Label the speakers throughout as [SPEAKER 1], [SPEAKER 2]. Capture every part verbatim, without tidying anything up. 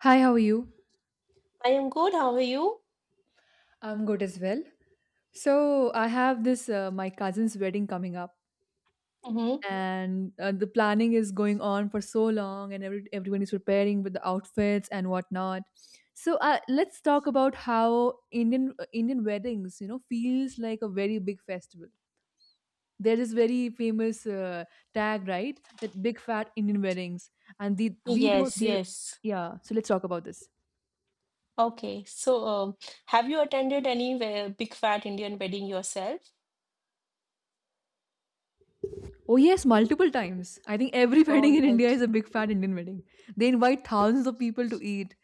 [SPEAKER 1] Hi, how are you?
[SPEAKER 2] I am good. How are you?
[SPEAKER 1] I'm good as well. So, I have this uh, my cousin's wedding coming up,
[SPEAKER 2] Mm-hmm.
[SPEAKER 1] and uh, the planning is going on for so long, and every, everyone is preparing with the outfits and whatnot. So, uh, let's talk about how Indian uh, Indian weddings, you know, feels like a very big festival. There is very famous uh, tag, right? That big fat Indian weddings, and the we don't.
[SPEAKER 2] Yes,
[SPEAKER 1] They,
[SPEAKER 2] yes.
[SPEAKER 1] yeah. So let's talk about this.
[SPEAKER 2] Okay. So, um, have you attended any we- big fat Indian wedding yourself?
[SPEAKER 1] Oh yes, multiple times. I think every
[SPEAKER 2] All
[SPEAKER 1] wedding in India
[SPEAKER 2] right.
[SPEAKER 1] is a big fat Indian wedding. They invite thousands of people to eat.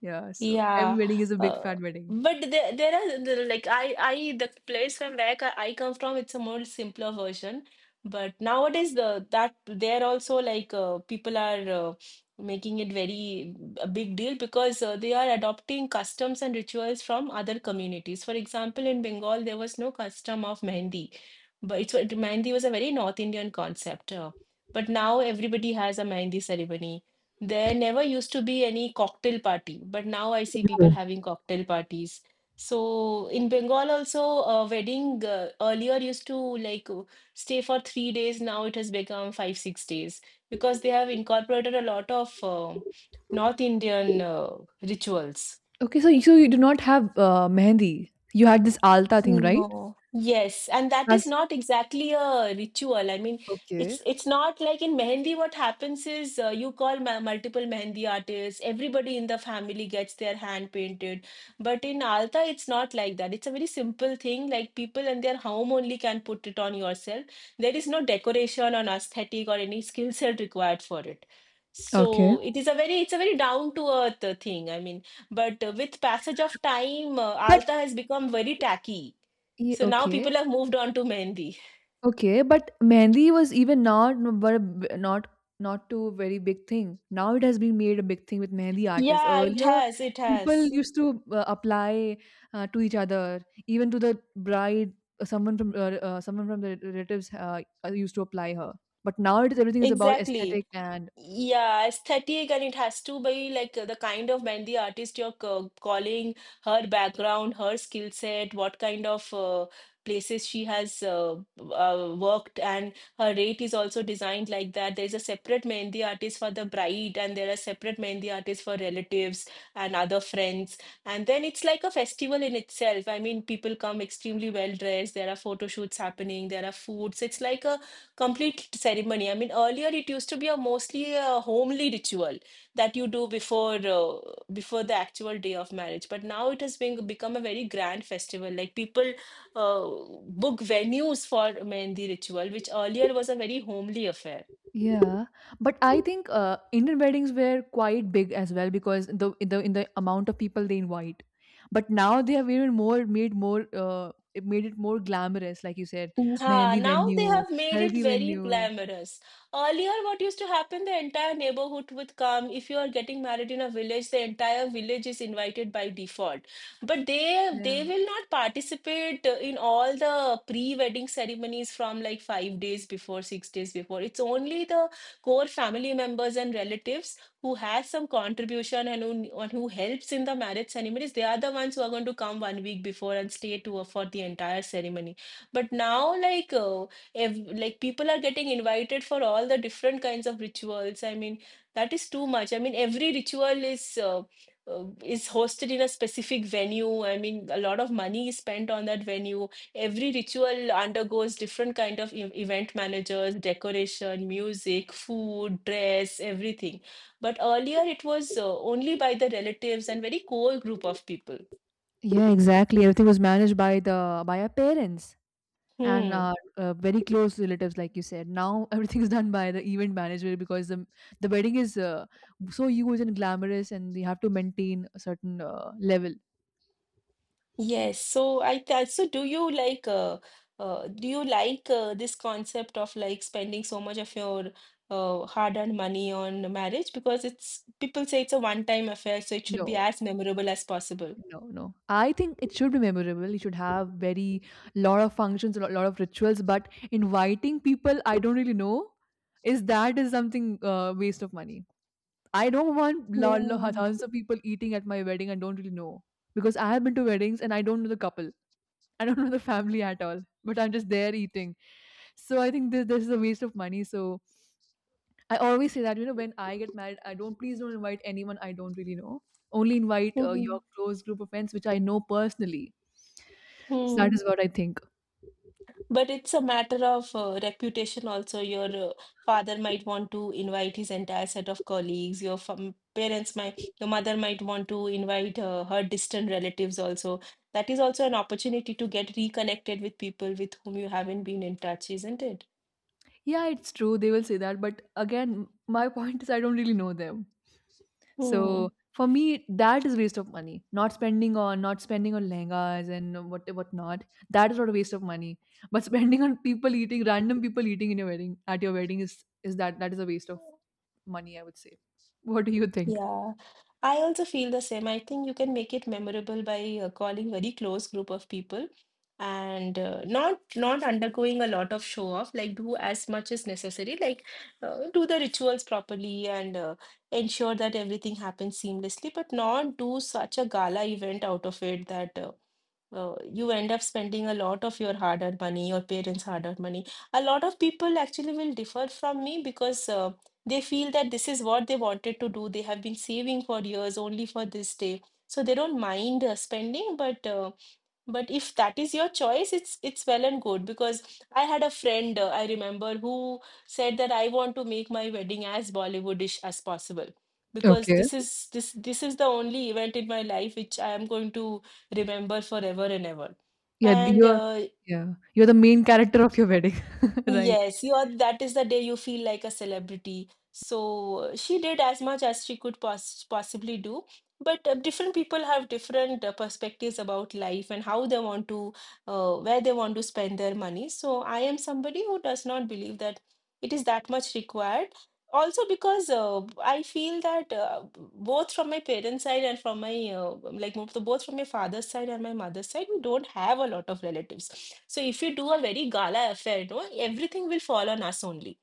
[SPEAKER 1] Yeah, so every
[SPEAKER 2] Yeah,
[SPEAKER 1] wedding is a big
[SPEAKER 2] uh,
[SPEAKER 1] fat wedding.
[SPEAKER 2] but there, there are there are, like I, I the place from where co- I come from, it's a more simpler version. But nowadays, the that there also like uh, people are uh, making it very a big deal because uh, they are adopting customs and rituals from other communities. For example, in Bengal, there was no custom of mehendi, but it's it, mehendi was a very North Indian concept. Uh, but now everybody has a mehendi ceremony. There never used to be any cocktail party, but now I see people
[SPEAKER 1] Oh.
[SPEAKER 2] having cocktail parties. So in Bengal also, a wedding uh, earlier used to like uh, stay for three days. Now it has become five, six days because they have incorporated a lot of uh, North Indian uh, rituals.
[SPEAKER 1] Okay, so you, so you do not have uh, mehendi. You had this alta thing, right?
[SPEAKER 2] No. Yes, and that is
[SPEAKER 1] That's
[SPEAKER 2] not exactly a ritual. I mean,
[SPEAKER 1] okay.
[SPEAKER 2] it's it's not like in mehendi. What happens is uh, you call ma multiple mehendi artists. Everybody in the family gets their hand painted. But in Alta, it's not like that. It's a very simple thing. Like people in their home only can put it on yourself. There is no decoration or aesthetic or any skill set required for it.
[SPEAKER 1] Okay.
[SPEAKER 2] So it is a very it's a very down to earth thing. I mean, but uh, with passage of time, uh,
[SPEAKER 1] But
[SPEAKER 2] Alta has become very tacky,
[SPEAKER 1] yeah,
[SPEAKER 2] so now
[SPEAKER 1] okay.
[SPEAKER 2] people have moved on to Mehendi.
[SPEAKER 1] Okay, but Mehndi was even not but not not too very big thing. Now it has been made a big thing with Mehndi artists.
[SPEAKER 2] Yeah, it
[SPEAKER 1] Earlier,
[SPEAKER 2] has, it
[SPEAKER 1] people
[SPEAKER 2] has.
[SPEAKER 1] used to uh, apply uh, to each other, even to the bride. uh, Someone from uh, uh, someone from the relatives uh, uh, used to apply her. But now it is everything is about
[SPEAKER 2] Exactly.
[SPEAKER 1] aesthetic and
[SPEAKER 2] Yeah, aesthetic, and it has to be like uh, the kind of Mehndi artist you're c- calling, her background, her skill set, what kind of uh, places she has uh, w- uh, worked, and her rate is also designed like that. There's a separate Mehndi artist for the bride, and there are separate Mehndi artists for relatives and other friends. And then it's like a festival in itself. I mean, people come extremely well dressed, there are photo shoots happening, there are foods. It's like a complete ceremony. I mean, earlier it used to be a mostly a homely ritual that you do before uh, before the actual day of marriage, but now it has been become a very grand festival. Like people uh, book venues for mehndi ritual, which earlier was a very homely affair.
[SPEAKER 1] yeah, but I think uh, Indian weddings were quite big as well because the in the in the amount of people they invite. But now they have even more made more, uh, it made it more glamorous, like you said,
[SPEAKER 2] Ah,
[SPEAKER 1] mehendi
[SPEAKER 2] now they
[SPEAKER 1] venue,
[SPEAKER 2] have made it
[SPEAKER 1] Haldi
[SPEAKER 2] very
[SPEAKER 1] venue.
[SPEAKER 2] glamorous. Earlier, what used to happen, the entire neighborhood would come. If you are getting married in a village, the entire village is invited by default. But they they
[SPEAKER 1] Yeah,
[SPEAKER 2] will not participate uh, in all the pre-wedding ceremonies from like five days before, six days before. It's only the core family members and relatives who, has some contribution and who, and who helps in the marriage ceremonies. They are the ones who are going to come one week before and stay to for the entire ceremony. But now, like, uh, if like people are getting invited for all the different kinds of rituals, I mean, that is too much. I mean, every ritual is uh, uh, is hosted in a specific venue. I mean, a lot of money is spent on that venue. Every ritual undergoes different kind of e- event managers, decoration, music, food, dress, everything. But earlier, it was uh, only by the relatives and very core group of people.
[SPEAKER 1] yeah, exactly. Everything was managed by the by our parents and
[SPEAKER 2] Hmm.
[SPEAKER 1] our uh, very close relatives, like you said. Now everything is done by the event manager because the the wedding is uh, so huge and glamorous, and they have to maintain a certain uh, level.
[SPEAKER 2] Yes, so I th so do you like uh, uh do you like uh, this concept of like spending so much of your uh, hard-earned money on marriage, because it's people say it's a one-time affair, so it should be
[SPEAKER 1] No.
[SPEAKER 2] as memorable as possible.
[SPEAKER 1] No, no. I think it should be memorable. You should have very lot of functions, a lot, lot of rituals, but inviting people I don't really know is that is something uh, waste of money. I don't want lot, lot,
[SPEAKER 2] Yeah.
[SPEAKER 1] thousands of people eating at my wedding I don't really know because I have been to weddings and I don't know the couple. I don't know the family at all, but I'm just there eating. So I think this, this is a waste of money. So I always say that, you know, when I get married, I don't, please don't invite anyone I don't really know. Only invite uh, your close group of friends, which I know personally. So that
[SPEAKER 2] Mm-hmm.
[SPEAKER 1] is what I think.
[SPEAKER 2] But it's a matter of uh, reputation also. Your uh, father might want to invite his entire set of colleagues. Your fam parents might, your mother might want to invite uh, her distant relatives also. That is also an opportunity to get reconnected with people with whom you haven't been in touch, isn't it?
[SPEAKER 1] Yeah, it's true. They will say that. But again, my point is I don't really know them.
[SPEAKER 2] Hmm.
[SPEAKER 1] So for me, that is waste of money. Not spending on not spending on lehengas and what whatnot. That is not a waste of money. But spending on people eating, random people eating in your wedding at your wedding is is that that is a waste of money, I would say. What do you think?
[SPEAKER 2] Yeah, I also feel the same. I think you can make it memorable by uh, calling very close group of people and uh, not not undergoing a lot of show off. Like do as much as necessary. Like uh, do the rituals properly and uh, ensure that everything happens seamlessly, but not do such a gala event out of it that uh, uh, you end up spending a lot of your hard-earned money, your parents' hard-earned money. A lot of people actually will differ from me because uh, they feel that this is what they wanted to do. They have been saving for years only for this day. So they don't mind uh, spending, but uh, but if that is your choice, it's it's well and good, because I had a friend uh, I remember who said that I want to make my wedding as Bollywoodish as possible, because
[SPEAKER 1] Okay.
[SPEAKER 2] this is this this is the only event in my life which I am going to remember forever and ever.
[SPEAKER 1] Yeah, th-
[SPEAKER 2] And
[SPEAKER 1] you're
[SPEAKER 2] uh,
[SPEAKER 1] yeah, you're the main character of your wedding. Right.
[SPEAKER 2] Yes, you are, that is the day you feel like a celebrity. So uh, she did as much as she could poss possibly do. But uh, different people have different uh, perspectives about life and how they want to, uh, where they want to spend their money. So I am somebody who does not believe that it is that much required, also because uh, I feel that uh, both from my parents' side and from my uh, like mo- both from my father's side and my mother's side, we don't have a lot of relatives. So if you do a very gala affair, you know, everything will fall on us only.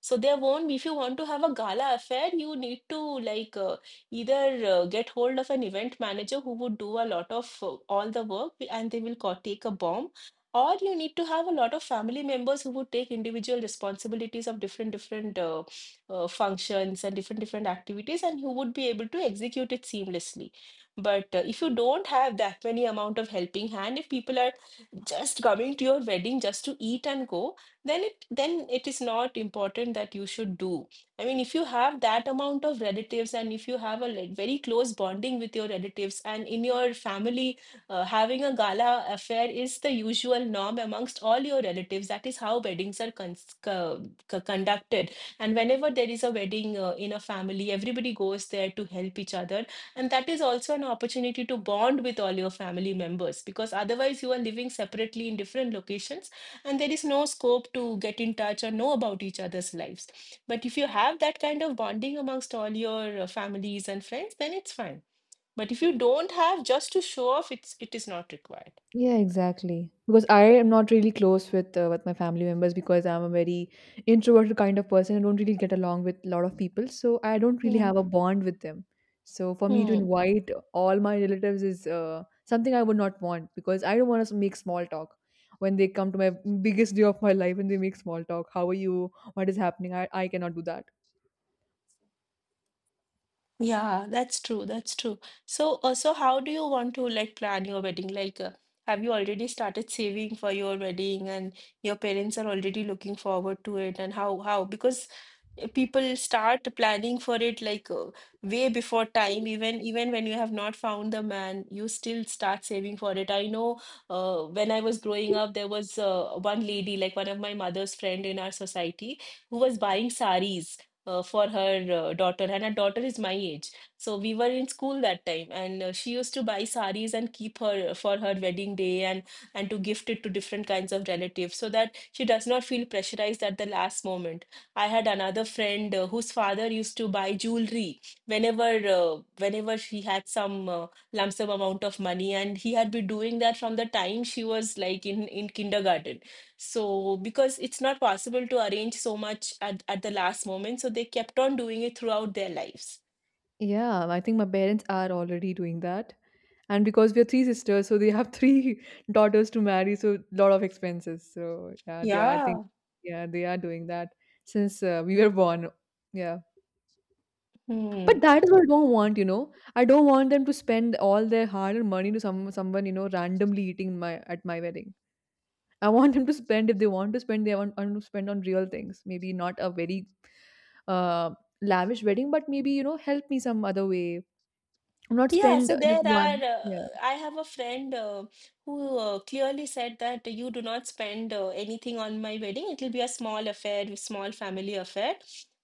[SPEAKER 2] So there won't be, if you want to have a gala affair, you need to like uh, either uh, get hold of an event manager who would do a lot of uh, all the work and they will co- take a bomb, or you need to have a lot of family members who would take individual responsibilities of different different uh, uh, functions and different different activities and who would be able to execute it seamlessly. But uh, if you don't have that many amount of helping hand, if people are just coming to your wedding just to eat and go, then it then it is not important that you should do. I mean, if you have that amount of relatives and if you have a like, very close bonding with your relatives and in your family, uh, having a gala affair is the usual norm amongst all your relatives, that is how weddings are cons co- co- conducted, and whenever there is a wedding uh, in a family, everybody goes there to help each other, and that is also an opportunity to bond with all your family members, because otherwise you are living separately in different locations and there is no scope to get in touch or know about each other's lives. But if you have that kind of bonding amongst all your uh, families and friends, then it's fine. But if you don't have, just to show off, it's it is not required.
[SPEAKER 1] Yeah, exactly. Because I am not really close with uh, with my family members because I'm a very introverted kind of person. I don't really get along with a lot of people, so I don't really have
[SPEAKER 2] Hmm.
[SPEAKER 1] a bond with them. So for me to
[SPEAKER 2] Hmm.
[SPEAKER 1] invite all my relatives is uh, something I would not want because I don't want to make small talk when they come to my biggest day of my life and they make small talk. How are you? What is happening? I, I cannot do that.
[SPEAKER 2] Yeah, that's true. That's true. So, uh, so how do you want to like plan your wedding? Like, uh, have you already started saving for your wedding and your parents are already looking forward to it? And how, how? Because uh, people start planning for it like uh, way before time. Even, even when you have not found the man, you still start saving for it. I know, uh, when I was growing up, there was uh, one lady, like one of my mother's friend in our society, who was buying saris uh, for her uh, daughter, and her daughter is my age. So we were in school that time, and uh, she used to buy saris and keep her uh, for her wedding day, and and to gift it to different kinds of relatives so that she does not feel pressurized at the last moment. I had another friend uh, whose father used to buy jewelry whenever uh, whenever she had some uh, lump sum amount of money, and he had been doing that from the time she was like in in kindergarten, so, because it's not possible to arrange so much at, at the last moment, so they kept on doing it throughout their lives.
[SPEAKER 1] Yeah, I think my parents are already doing that. And because we are three sisters, so they have three daughters to marry, so lot of expenses. So yeah, they are, I think,
[SPEAKER 2] Yeah.
[SPEAKER 1] yeah, they are doing that since uh, we were born, yeah. But
[SPEAKER 2] Hmm.
[SPEAKER 1] that is what I don't want. you know I don't want them to spend all their hard-earned money to some someone you know randomly eating my at my wedding. I want them to spend, if they want to spend, they want, want to spend on real things, maybe not a very uh, lavish wedding, but maybe, you know help me some other way, not
[SPEAKER 2] Yeah,
[SPEAKER 1] spend
[SPEAKER 2] so there
[SPEAKER 1] just
[SPEAKER 2] are.
[SPEAKER 1] one.
[SPEAKER 2] Uh,
[SPEAKER 1] Yeah.
[SPEAKER 2] I have a friend uh, who uh, clearly said that you do not spend uh, anything on my wedding. It will be a small affair, small family affair.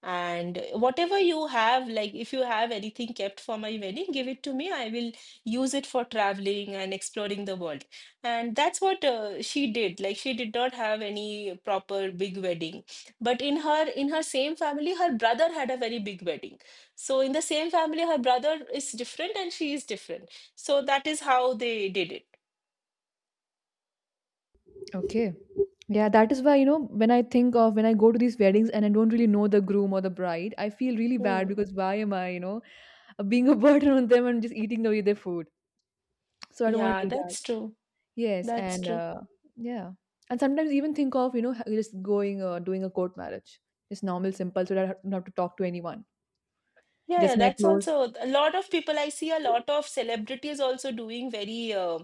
[SPEAKER 2] And whatever you have, like if you have anything kept for my wedding, give it to me. I will use it for traveling and exploring the world. And that's what uh, she did. Like she did not have any proper big wedding. But in her in her same family, her brother had a very big wedding. So in the same family, her brother is different and she is different. So that is how they did it.
[SPEAKER 1] Okay. Yeah, that is why, you know, when I think of when I go to these weddings and I don't really know the groom or the bride, I feel really bad
[SPEAKER 2] Hmm.
[SPEAKER 1] because why am I, you know, being a burden on them and just eating away their food? So I don't want
[SPEAKER 2] Yeah,
[SPEAKER 1] to do that.
[SPEAKER 2] that's true.
[SPEAKER 1] Yes.
[SPEAKER 2] That's
[SPEAKER 1] And
[SPEAKER 2] true.
[SPEAKER 1] uh, yeah. And sometimes even think of, you know, ha- just going, uh, doing a court marriage. Just normal, simple, so that I ha- don't have to talk to anyone.
[SPEAKER 2] Yeah, yeah,
[SPEAKER 1] Just my
[SPEAKER 2] that's
[SPEAKER 1] clothes.
[SPEAKER 2] also a lot of people. I see a lot of celebrities also doing very uh,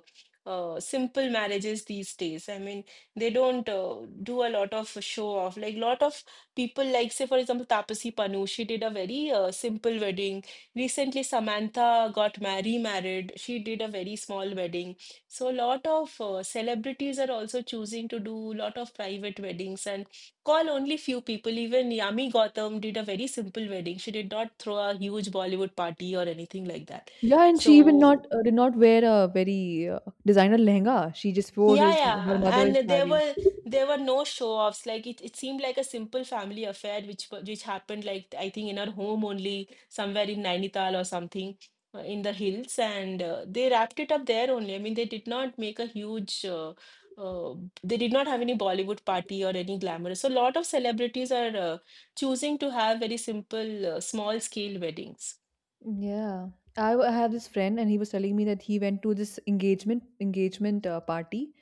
[SPEAKER 2] uh, simple marriages these days. I mean, they don't uh, do a lot of show off. Like, lot of people, like, say, for example, Tapasi Pannu, she did a very uh, simple wedding. Recently, Samantha got married, married. She did a very small wedding. So, a lot of uh, celebrities are also choosing to do a lot of private weddings and call only few people. Even Yami Gautam did a very simple wedding. She did not throw a huge Bollywood party or anything like that.
[SPEAKER 1] Yeah, and she even
[SPEAKER 2] So
[SPEAKER 1] not uh, did not wear a very uh, designer lehenga. She just wore
[SPEAKER 2] yeah,
[SPEAKER 1] his her
[SPEAKER 2] yeah,
[SPEAKER 1] mother's
[SPEAKER 2] and there
[SPEAKER 1] sari.
[SPEAKER 2] were there were no show-offs. Like it, it seemed like a simple family affair, which wa- which happened like I think in our home only, somewhere in Nainital or something uh, in the hills, and uh, they wrapped it up there only. I mean, they did not make a huge. Uh, uh, they did not have any Bollywood party or any glamorous. So a lot of celebrities are uh, choosing to have very simple, uh, small-scale weddings.
[SPEAKER 1] Yeah, I, w- I have this friend, and he was telling me that he went to this engagement engagement uh, party,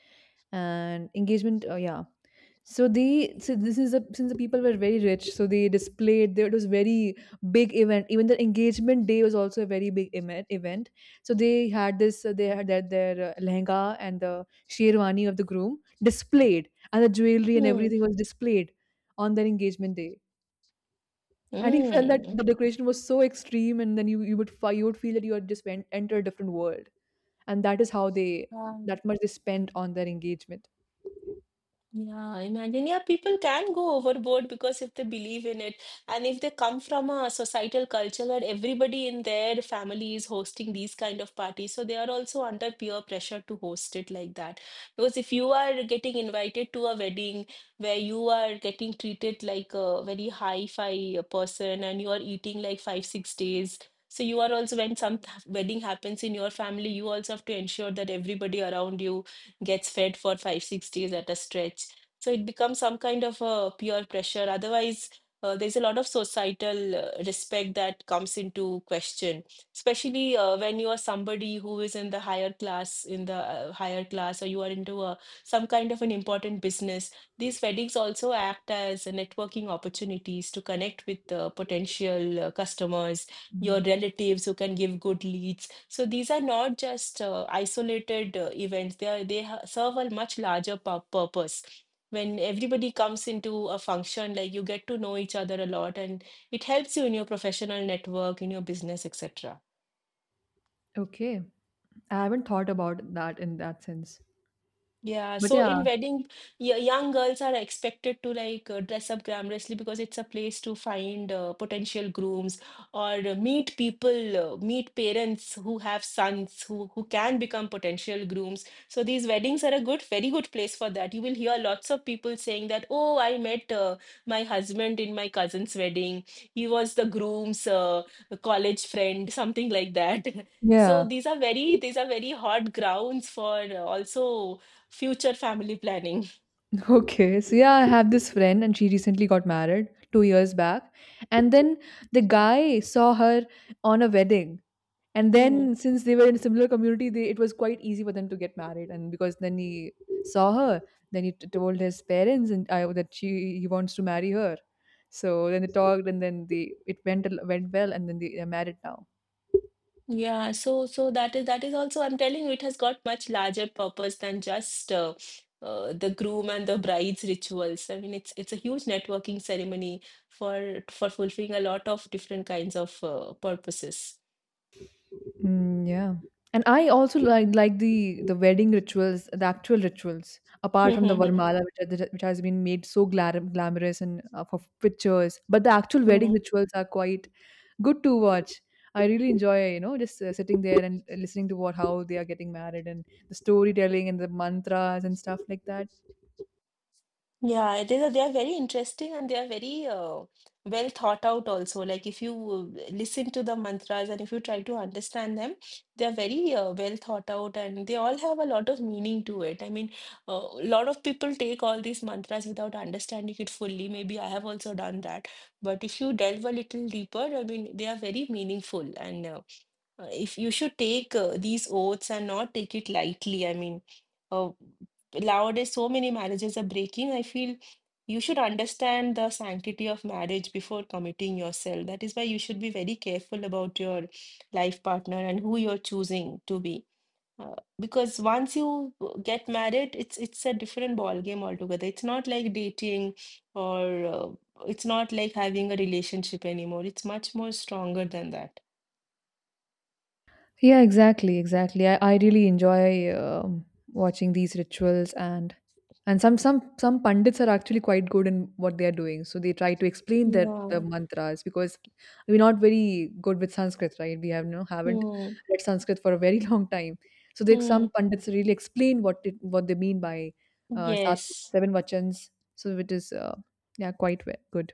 [SPEAKER 1] and engagement, uh, yeah. So they so this is a, since the people were very rich, so they displayed there it was very big event. Even the engagement day was also a very big event. Event. So they had this uh, they had their, their uh, lehenga and the sherwani of the groom displayed, and the jewelry and
[SPEAKER 2] Hmm.
[SPEAKER 1] everything was displayed on their engagement day. And he felt that
[SPEAKER 2] Mm.
[SPEAKER 1] the decoration was so extreme, and then you you would fi- you would feel that you had just went enter a different world, and that is how they that much they spent on their engagement.
[SPEAKER 2] Yeah, imagine. Yeah, people can go overboard because if they believe in it, and if they come from a societal culture where everybody in their family is hosting these kind of parties, so they are also under peer pressure to host it like that. Because if you are getting invited to a wedding where you are getting treated like a very high-fi person and you are eating like five, six days. So you are also, when some th- wedding happens in your family, you also have to ensure that everybody around you gets fed for five, six days at a stretch. So it becomes some kind of a peer pressure. Otherwise, uh, there's a lot of societal uh, respect that comes into question, especially uh, when you are somebody who is in the higher class, in the uh, higher class, or you are into a, some kind of an important business. These weddings also act as a networking opportunities to connect with uh, potential uh, customers, your
[SPEAKER 1] Mm.
[SPEAKER 2] relatives who can give good leads. So these are not just uh, isolated uh, events. They are, they ha- serve a much larger pu- purpose. When everybody comes into a function, like you get to know each other a lot, and it helps you in your professional network, in your business, et cetera.
[SPEAKER 1] Okay, I haven't thought about that in that sense,
[SPEAKER 2] Yeah,
[SPEAKER 1] but
[SPEAKER 2] so
[SPEAKER 1] yeah,
[SPEAKER 2] in wedding, y- young girls are expected to like uh, dress up glamorously because it's a place to find uh, potential grooms or uh, meet people, uh, meet parents who have sons who who can become potential grooms. So these weddings are a good, very good place for that. You will hear lots of people saying that, "Oh, I met uh, my husband in my cousin's wedding. He was the groom's uh, college friend," something like that. So
[SPEAKER 1] yeah,
[SPEAKER 2] these are very these are very hot grounds for uh, also future family planning.
[SPEAKER 1] okay. So yeah, I have this friend, and she recently got married two years back, and then the guy saw her on a wedding, and
[SPEAKER 2] Hmm.
[SPEAKER 1] then since they were in a similar community they, it was quite easy for them to get married. And because then he saw her then he t- told his parents and I, that she he wants to marry her. So then they talked, and then they it went al- went well, and then they, they're married now.
[SPEAKER 2] Yeah, so so that is that is also, I'm telling you, it has got much larger purpose than just uh, uh, the groom and the bride's rituals. I mean, it's it's a huge networking ceremony for for fulfilling a lot of different kinds of uh, purposes.
[SPEAKER 1] Mm, yeah. And I also like like the the wedding rituals, the actual rituals, apart from the Varmala, which are- which has been made so glam- glamorous and uh, for pictures. But the actual wedding rituals are quite good to watch. I really enjoy, you know, just uh, sitting there and listening to what how they are getting married and the storytelling and the mantras and stuff like that.
[SPEAKER 2] Yeah, it is. uh, They are very interesting and they are very uh, well thought out also. Like if you uh, listen to the mantras and if you try to understand them, they are very uh, well thought out and they all have a lot of meaning to it. I mean, a lot of people take all these mantras without understanding it fully. Maybe I have also done that. But if you delve a little deeper, I mean, they are very meaningful and uh, uh, if you should take uh, these oaths and not take it lightly. I mean, uh, nowadays so many marriages are breaking. I feel you should understand the sanctity of marriage before committing yourself. That is why you should be very careful about your life partner and who you're choosing to be. Uh, because once you get married, it's it's a different ball game altogether. It's not like dating or uh, it's not like having a relationship anymore. It's much more stronger than that.
[SPEAKER 1] Yeah, exactly, exactly. I, I really enjoy um, watching these rituals. And And some some some pundits are actually quite good in what they are doing. So they try to explain their the
[SPEAKER 2] Yeah.
[SPEAKER 1] mantras because we're not very good with Sanskrit, right? We have no haven't
[SPEAKER 2] Hmm.
[SPEAKER 1] read Sanskrit for a very long time. So they,
[SPEAKER 2] Hmm.
[SPEAKER 1] some pundits really explain what it, what they mean by uh, sat,
[SPEAKER 2] Yes.
[SPEAKER 1] seven vachans. So it is uh, yeah, quite we- good.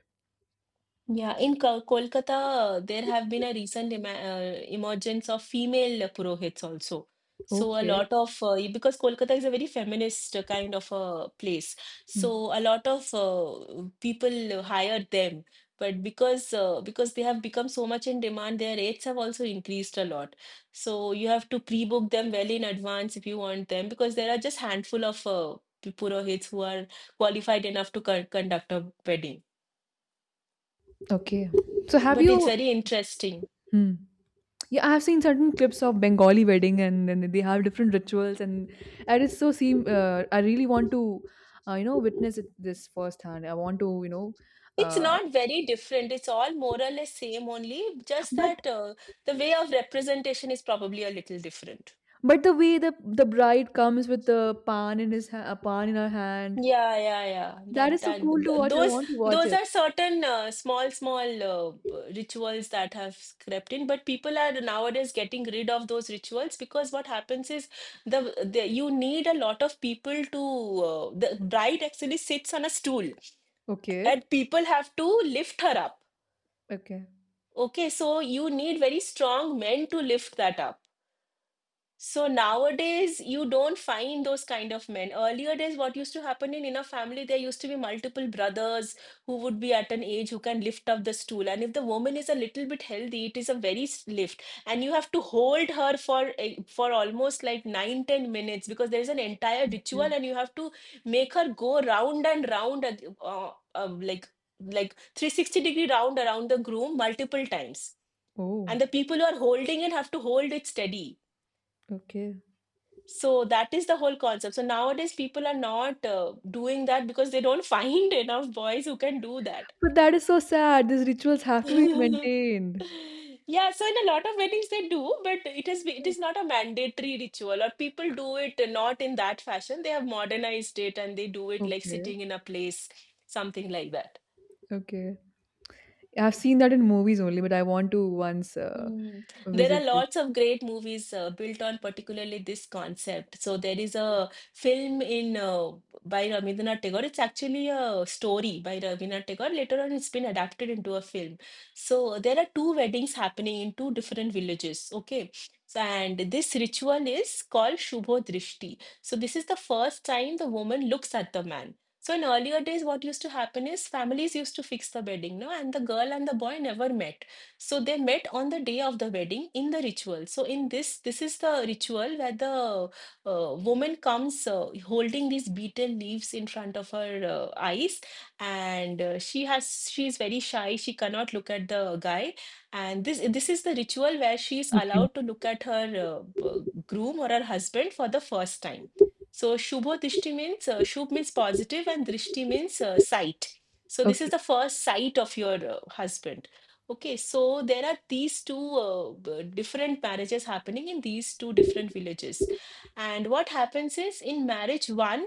[SPEAKER 2] Yeah, in Ko- Kolkata, uh, there have been a recent em uh, emergence of female purohits also. So a
[SPEAKER 1] Okay.
[SPEAKER 2] lot of uh, y- because Kolkata is a very feminist uh, kind of a place,
[SPEAKER 1] Hmm.
[SPEAKER 2] so a lot of uh, people hire them. But because uh, because they have become so much in demand, their rates have also increased a lot. So you have to pre-book them well in advance if you want them, because there are just handful of uh, purohits who are qualified enough to con conduct a wedding,
[SPEAKER 1] Okay. So have
[SPEAKER 2] but it's
[SPEAKER 1] you?
[SPEAKER 2] very interesting.
[SPEAKER 1] Hmm. Yeah, I have seen certain clips of Bengali wedding, and then they have different rituals, and I just so seem. Uh, I really want to, uh, you know, witness it, this firsthand. I want to, you know,
[SPEAKER 2] It's
[SPEAKER 1] uh,
[SPEAKER 2] not very different. It's all more or less same, only just
[SPEAKER 1] but
[SPEAKER 2] that uh, the way of representation is probably a little different.
[SPEAKER 1] but the way the the bride comes with the pan in his ha- a pan in her hand.
[SPEAKER 2] Yeah, yeah, yeah,
[SPEAKER 1] That
[SPEAKER 2] that
[SPEAKER 1] is so
[SPEAKER 2] that
[SPEAKER 1] cool to
[SPEAKER 2] th-
[SPEAKER 1] watch. I
[SPEAKER 2] those
[SPEAKER 1] want to watch
[SPEAKER 2] those
[SPEAKER 1] it.
[SPEAKER 2] are certain uh, small small uh, b- rituals that have crept in, but people are nowadays getting rid of those rituals because what happens is the, the you need a lot of people to uh, the bride actually sits on a stool
[SPEAKER 1] Okay,
[SPEAKER 2] and people have to lift her up.
[SPEAKER 1] okay,
[SPEAKER 2] Okay, so you need very strong men to lift that up. So nowadays, you don't find those kind of men. Earlier days, what used to happen in, in a family, there used to be multiple brothers who would be at an age who can lift up the stool. And if the woman is a little bit healthy, it is a very s- lift. And you have to hold her for eh, for almost like nine, ten minutes because there is an entire
[SPEAKER 1] yeah.
[SPEAKER 2] ritual and you have to make her go round and round, at- uh, uh, like like three sixty degree round around the groom multiple times, and
[SPEAKER 1] Oh,
[SPEAKER 2] the people who are holding it have to hold it steady.
[SPEAKER 1] okay.
[SPEAKER 2] So that is the whole concept. So nowadays people are not uh, doing that because they don't find enough boys who can do that.
[SPEAKER 1] But that is so sad. These rituals have to be maintained.
[SPEAKER 2] yeah, so in a lot of weddings they do, but it is it is not a mandatory ritual, or people do it not in that fashion. They have modernized it and they do it like
[SPEAKER 1] Okay,
[SPEAKER 2] sitting in a place, something like that.
[SPEAKER 1] okay. I've seen that in movies only, but I want to once uh,
[SPEAKER 2] Hmm. There are
[SPEAKER 1] visit this.
[SPEAKER 2] lots of great movies uh, built on particularly this concept. So there is a film in uh, by Rabindranath Tagore. It's actually a story by Rabindranath Tagore. Later on, it's been adapted into a film. So there are two weddings happening in two different villages. Okay. So, and this ritual is called Shubho Drishti. So this is the first time the woman looks at the man. So in earlier days, what used to happen is families used to fix the wedding, no, and the girl and the boy never met. So they met on the day of the wedding in the ritual. So in this, this is the ritual where the uh, woman comes uh, holding these betel leaves in front of her uh, eyes, and uh, she has she is very shy. She cannot look at the guy, and this this is the ritual where she is
[SPEAKER 1] Okay,
[SPEAKER 2] allowed to look at her uh, b- groom or her husband for the first time. So Shubho Dishti means uh, Shubh means positive, and Drishti means uh, sight. So this is
[SPEAKER 1] okay,
[SPEAKER 2] the first sight of your uh, husband. Okay, so there are these two uh, b- different marriages happening in these two different villages. And what happens is in marriage one,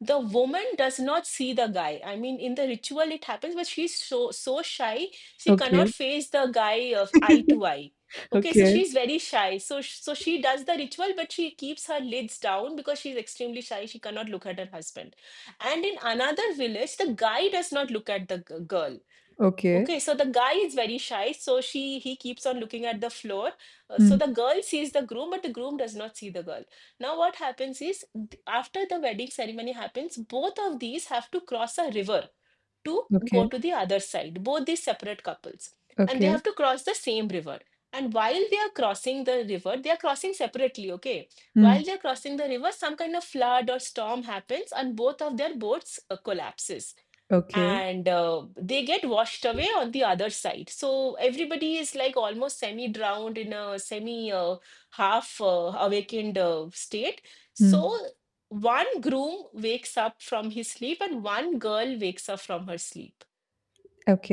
[SPEAKER 2] the woman does not see the guy. I mean, in the ritual it happens, but she's so so shy, she cannot
[SPEAKER 1] okay,
[SPEAKER 2] face the guy of eye to eye. Okay, so
[SPEAKER 1] okay,
[SPEAKER 2] she's very shy. So sh- so she does the ritual, but she keeps her lids down because she's extremely shy. She cannot look at her husband. And in another village, the guy does not look at the g- girl.
[SPEAKER 1] okay.
[SPEAKER 2] Okay, so the guy is very shy, so she he keeps on looking at the floor. Uh, so
[SPEAKER 1] Hmm.
[SPEAKER 2] the girl sees the groom, but the groom does not see the girl. Now what happens is th- after the wedding ceremony happens, both of these have to cross a river to go
[SPEAKER 1] Okay,
[SPEAKER 2] to the other side, both these separate couples. And they
[SPEAKER 1] okay.
[SPEAKER 2] have to cross the same river. And while they are crossing the river, they are crossing separately, okay? While
[SPEAKER 1] Hmm.
[SPEAKER 2] they are crossing the river, some kind of flood or storm happens and both of their boats uh, collapses
[SPEAKER 1] Okay.
[SPEAKER 2] and uh, they get washed away on the other side. So everybody is like almost semi drowned in a semi uh, half uh, awakened uh, state. So
[SPEAKER 1] Hmm.
[SPEAKER 2] one groom wakes up from his sleep and one girl wakes up from her sleep.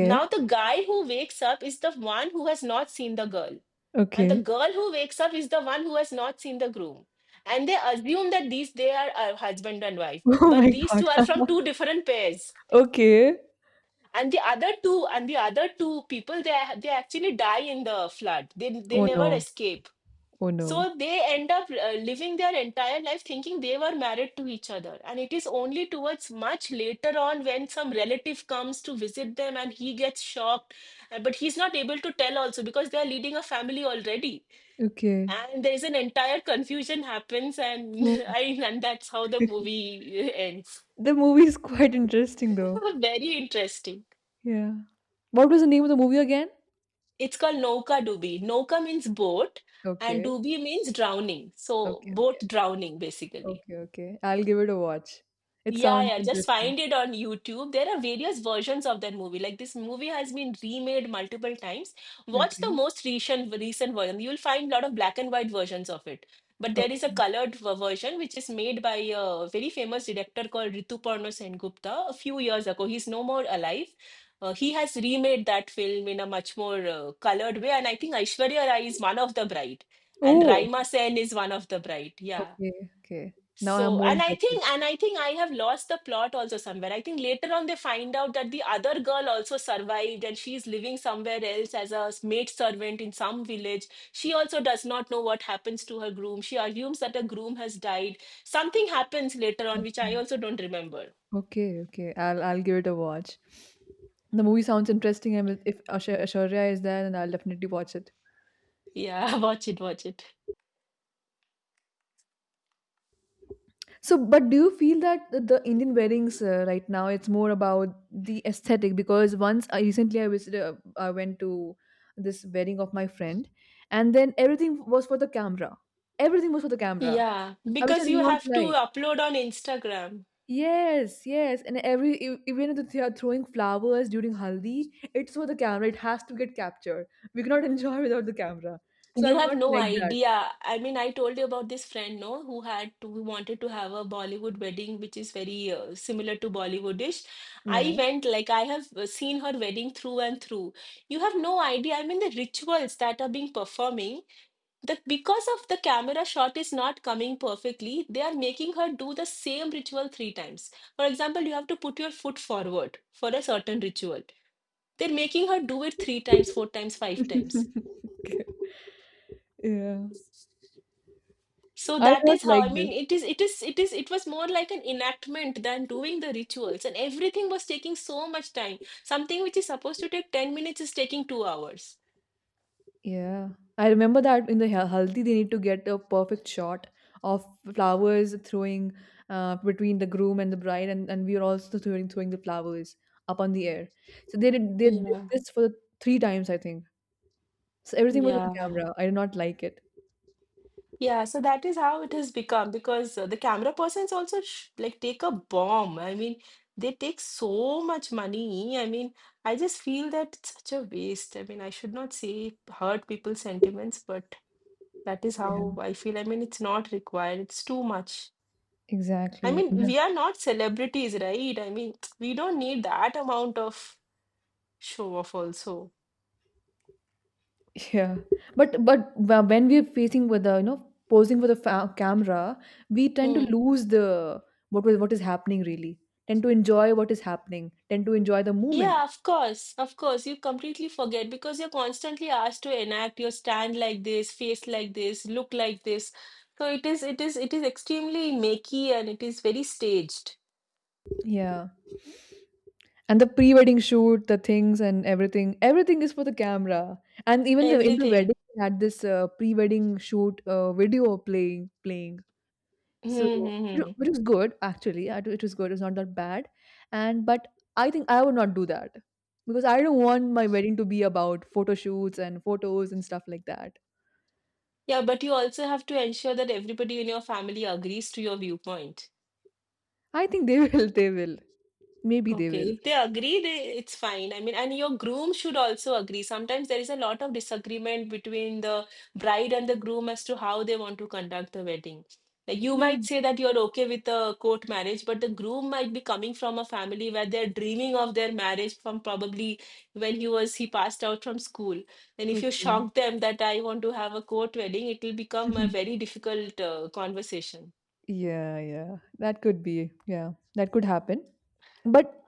[SPEAKER 2] Now the guy who wakes up is the one who has not seen the girl, and the
[SPEAKER 1] okay.
[SPEAKER 2] girl who wakes up is the one who has not seen the groom. And they assume that these they are uh, husband and wife,
[SPEAKER 1] Oh
[SPEAKER 2] but
[SPEAKER 1] my
[SPEAKER 2] these
[SPEAKER 1] God.
[SPEAKER 2] two are from two different pairs,
[SPEAKER 1] Okay.
[SPEAKER 2] and the other two and the other two people, they they actually die in the flood. They they
[SPEAKER 1] Oh
[SPEAKER 2] never
[SPEAKER 1] no.
[SPEAKER 2] escape,
[SPEAKER 1] Oh
[SPEAKER 2] so
[SPEAKER 1] no.
[SPEAKER 2] they end up uh, living their entire life thinking they were married to each other. And it is only towards much later on when some relative comes to visit them, and he gets shocked. Uh, but he's not able to tell also because they are leading a family already,
[SPEAKER 1] Okay.
[SPEAKER 2] and there is an entire confusion happens and
[SPEAKER 1] Oh.
[SPEAKER 2] I, and that's how the movie uh, ends.
[SPEAKER 1] The movie is quite interesting though.
[SPEAKER 2] Very interesting.
[SPEAKER 1] Yeah. What was the name of the movie again?
[SPEAKER 2] It's called Nauka Dubi. Nauka means boat, and
[SPEAKER 1] Okay.
[SPEAKER 2] Dubi means drowning. So,
[SPEAKER 1] Okay. Okay.
[SPEAKER 2] boat drowning, basically.
[SPEAKER 1] Okay. Okay. I'll give it a watch. It
[SPEAKER 2] Yeah,
[SPEAKER 1] sounds
[SPEAKER 2] yeah, just
[SPEAKER 1] interesting.
[SPEAKER 2] find it on YouTube. There are various versions of that movie. Like this movie has been remade multiple times. Watch the
[SPEAKER 1] Okay.
[SPEAKER 2] most recent recent version. You'll find a lot of black and white versions of it. But there is a
[SPEAKER 1] Okay.
[SPEAKER 2] colored ver- version which is made by a very famous director called Rituparna Sengupta a few years ago. He's no more alive. Uh, he has remade that film in a much more uh, colored way, and I think Aishwarya Rai is one of the bride, and
[SPEAKER 1] Oh.
[SPEAKER 2] Raima Sen is one of the bride. Yeah.
[SPEAKER 1] Okay. Okay. Now I'm
[SPEAKER 2] So,
[SPEAKER 1] more
[SPEAKER 2] and I
[SPEAKER 1] interested.
[SPEAKER 2] think, and I think I have lost the plot also somewhere. I think later on they find out that the other girl also survived, and she's living somewhere else as a maid servant in some village. She also does not know what happens to her groom. She assumes that the groom has died. Something happens later on, which I
[SPEAKER 1] Okay.
[SPEAKER 2] also don't remember.
[SPEAKER 1] Okay, okay. I'll I'll give it a watch. The movie sounds interesting, and if Asha- Ashwarya is there, then I'll definitely watch it.
[SPEAKER 2] Yeah, watch it, watch it.
[SPEAKER 1] So, but do you feel that the the Indian weddings, uh, right now it's more about the aesthetic? Because once I recently I visited, uh, I went to this wedding of my friend, and then everything was for the camera. Everything was for the camera,
[SPEAKER 2] Yeah,
[SPEAKER 1] uh, which I
[SPEAKER 2] because
[SPEAKER 1] did
[SPEAKER 2] you
[SPEAKER 1] not
[SPEAKER 2] have to
[SPEAKER 1] like.
[SPEAKER 2] upload on Instagram.
[SPEAKER 1] Yes, yes, and every e- even if they are throwing flowers during haldi, it's for the camera. It has to get captured. We cannot enjoy without the camera. So I
[SPEAKER 2] You
[SPEAKER 1] do
[SPEAKER 2] have
[SPEAKER 1] not
[SPEAKER 2] no
[SPEAKER 1] like that.
[SPEAKER 2] idea. I mean, I told you about this friend, no, who had to, who wanted to have a Bollywood wedding, which is very uh, similar to Bollywoodish.
[SPEAKER 1] Yeah,
[SPEAKER 2] I went, like, I have uh, seen her wedding through and through. You have no idea. I mean, the rituals that are being performing, that because of the camera shot is not coming perfectly, they are making her do the same ritual three times. For example, you have to put your foot forward for a certain ritual. They're making her do it three times, four times, five times.
[SPEAKER 1] yeah,
[SPEAKER 2] So
[SPEAKER 1] I do
[SPEAKER 2] that
[SPEAKER 1] not
[SPEAKER 2] is how,
[SPEAKER 1] like
[SPEAKER 2] I
[SPEAKER 1] this.
[SPEAKER 2] mean, it is, it is, it is, it was more like an enactment than doing the rituals, and everything was taking so much time. Something which is supposed to take ten minutes is taking two hours.
[SPEAKER 1] Yeah, I remember that in the hal- haldi they need to get a perfect shot of flowers throwing, uh, between the groom and the bride, and and we are also throwing throwing the flowers up on the air. So they did they did
[SPEAKER 2] Yeah,
[SPEAKER 1] this for three times, I think. So everything was with the
[SPEAKER 2] yeah,
[SPEAKER 1] camera. I did not like it.
[SPEAKER 2] yeah. So that is how it has become because uh, the camera persons also sh like take a bomb. I mean, they take so much money. I mean, I just feel that it's such a waste. I mean, I should not say hurt people's sentiments, but that is how
[SPEAKER 1] Yeah,
[SPEAKER 2] I feel. I mean, it's not required, it's too much. I
[SPEAKER 1] exactly.
[SPEAKER 2] mean,
[SPEAKER 1] And the-
[SPEAKER 2] we are not celebrities, right? I mean, we don't need that amount of show off also.
[SPEAKER 1] yeah, but but wh- when we're facing with the you know posing for the fa- camera, we tend to
[SPEAKER 2] Hmm.
[SPEAKER 1] lose the what was what is happening really. Tend to enjoy what is happening. Tend to enjoy the moment.
[SPEAKER 2] Yeah, of course, of course. You completely forget because you're constantly asked to enact your stand like this, face like this, look like this. So it is, it is, it is extremely makey and it is very staged.
[SPEAKER 1] Yeah. And the pre-wedding shoot, the things and everything, everything, is for the camera. And even the in the
[SPEAKER 2] Everything.
[SPEAKER 1] wedding, we had this uh, pre-wedding shoot uh, video playing playing. So,
[SPEAKER 2] Hmm. hmm,
[SPEAKER 1] which
[SPEAKER 2] hmm.
[SPEAKER 1] which was good actually. I It was good. It was not that bad. And but I think I would not do that because I don't want my wedding to be about photo shoots and photos and stuff like that.
[SPEAKER 2] Yeah, but you also have to ensure that everybody in your family agrees to your viewpoint.
[SPEAKER 1] I think they will. They will. Maybe they
[SPEAKER 2] Okay,
[SPEAKER 1] will.
[SPEAKER 2] if they agree, they, it's fine. I mean, and your groom should also agree. Sometimes there is a lot of disagreement between the bride and the groom as to how they want to conduct the wedding. Like you
[SPEAKER 1] Yeah.
[SPEAKER 2] might say that you're okay with a court marriage, but the groom might be coming from a family where they're dreaming of their marriage from probably when he was he passed out from school. And if you
[SPEAKER 1] Okay.
[SPEAKER 2] shock them that I want to have a court wedding, it will become a very difficult uh, conversation.
[SPEAKER 1] Yeah, yeah. That could be. Yeah, that could happen. But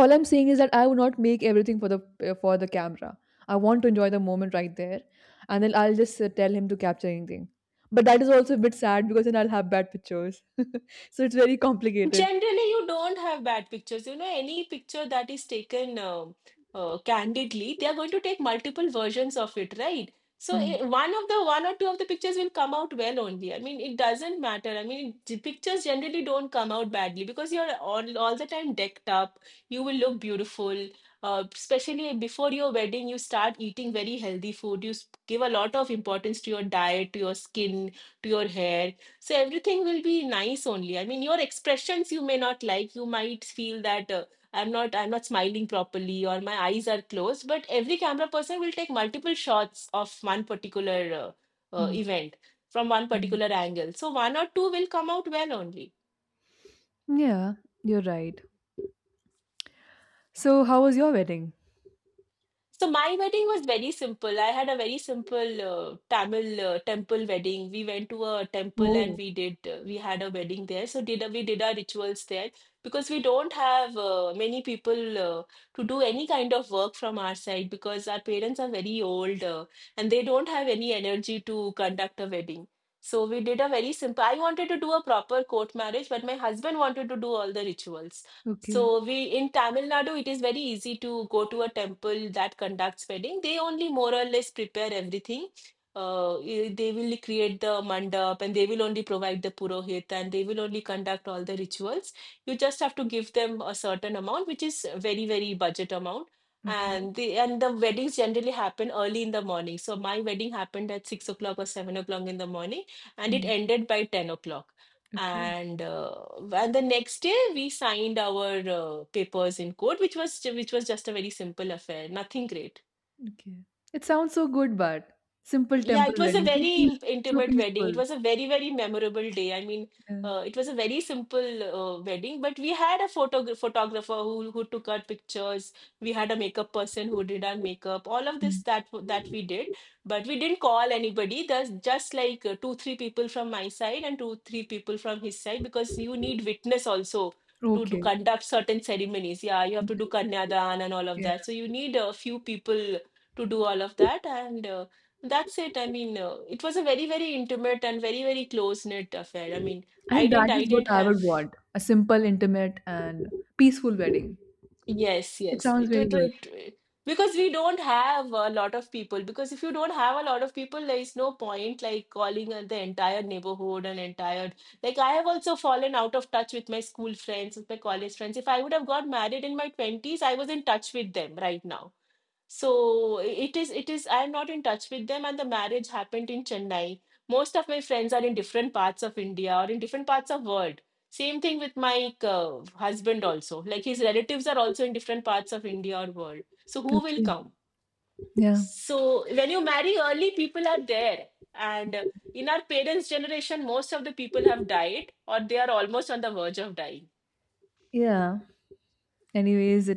[SPEAKER 1] all I'm saying is that I would not make everything for the uh, for the camera. I want to enjoy the moment right there, and then I'll just uh, tell him to capture anything, but that is also a bit sad because then I'll have bad pictures. So it's very complicated.
[SPEAKER 2] Generally, you don't have bad pictures. You know, any picture that is taken um uh, candidly, they are going to take multiple versions of it, right? So eh,
[SPEAKER 1] Hmm,
[SPEAKER 2] one of the one or two of the pictures will come out well only. I mean, it doesn't matter. I mean, the pictures generally don't come out badly because you're all all the time decked up. You will look beautiful. Uh, especially before your wedding, you start eating very healthy food. You s- give a lot of importance to your diet, to your skin, to your hair. So everything will be nice only. I mean, your expressions you may not like. You might feel that uh, i'm not I'm not smiling properly or my eyes are closed, but every camera person will take multiple shots of one particular uh, uh,
[SPEAKER 1] hmm,
[SPEAKER 2] event from one
[SPEAKER 1] hmm.
[SPEAKER 2] particular angle, so one or two will come out well only.
[SPEAKER 1] Yeah, you're right. So how was your wedding?
[SPEAKER 2] So my wedding was very simple. I had a very simple uh, Tamil uh, temple wedding. We went to a temple and
[SPEAKER 1] Oh,
[SPEAKER 2] we did uh, we had a wedding there. So did a- we did our rituals there because we don't have uh, many people uh, to do any kind of work from our side, because our parents are very old uh, and they don't have any energy to conduct a wedding. So we did a very simple. I wanted to do a proper court marriage, but my husband wanted to do all the rituals.
[SPEAKER 1] okay,
[SPEAKER 2] So we, in Tamil Nadu, it is very easy to go to a temple that conducts wedding. They only more or less prepare everything. Uh, eh, they will create the mandap, and they will only provide the purohit, and they will only conduct all the rituals. You just have to give them a certain amount, which is very, very budget amount.
[SPEAKER 1] okay.
[SPEAKER 2] And the and the weddings generally happen early in the morning. So my wedding happened at six o'clock or seven o'clock in the morning, and it
[SPEAKER 1] Hmm,
[SPEAKER 2] ended by ten o'clock,
[SPEAKER 1] okay,
[SPEAKER 2] and uh, and the next day we signed our uh, papers in court, which was which was just a very simple affair, nothing great.
[SPEAKER 1] okay. It sounds so good, but simple
[SPEAKER 2] Yeah,
[SPEAKER 1] temple
[SPEAKER 2] it was a
[SPEAKER 1] wedding, so
[SPEAKER 2] very
[SPEAKER 1] peace,
[SPEAKER 2] im-
[SPEAKER 1] so
[SPEAKER 2] intimate wedding. It
[SPEAKER 1] peaceful,
[SPEAKER 2] was a very, very memorable day. I mean,
[SPEAKER 1] yeah.
[SPEAKER 2] uh, it was a very simple uh, wedding, but we had a photo photographer who who took our pictures. We had a makeup person who did our makeup. All of this
[SPEAKER 1] Hmm.
[SPEAKER 2] that w- that we did, but we didn't call anybody. There's just like uh, two, three people from my side and two, three people from his side, because you need witness also to do
[SPEAKER 1] Okay,
[SPEAKER 2] conduct certain ceremonies. Yeah, you have to do Kanyadan and all of
[SPEAKER 1] okay.
[SPEAKER 2] that. So you need a few people to do all of that and. Uh, that's it. I mean, uh, it was a very, very intimate and very, very close-knit affair. I mean, I
[SPEAKER 1] And
[SPEAKER 2] didn't,
[SPEAKER 1] that
[SPEAKER 2] I
[SPEAKER 1] is what
[SPEAKER 2] didn't
[SPEAKER 1] I
[SPEAKER 2] have.
[SPEAKER 1] would want, a simple, intimate, and peaceful wedding.
[SPEAKER 2] Yes,
[SPEAKER 1] It
[SPEAKER 2] yes.
[SPEAKER 1] sounds
[SPEAKER 2] It,
[SPEAKER 1] very
[SPEAKER 2] it,
[SPEAKER 1] good.
[SPEAKER 2] it, because we don't have a lot of people. Because if you don't have a lot of people, there is no point like calling uh, the entire neighborhood and entire. Like I have also fallen out of touch with my school friends, with my college friends. If I would have got married in my twenties, I was in touch with them right now. So it is, it is, I am not in touch with them, and the marriage happened in Chennai. Most of my friends are in different parts of India or in different parts of world. Same thing with my uh, husband also. Like his relatives are also in different parts of India or world. So who will
[SPEAKER 1] Okay.
[SPEAKER 2] come?
[SPEAKER 1] Yeah.
[SPEAKER 2] So when you marry early, people are there. And uh, in our parents' generation, most of the people have died or they are almost on the verge of dying.
[SPEAKER 1] Yeah. Anyways,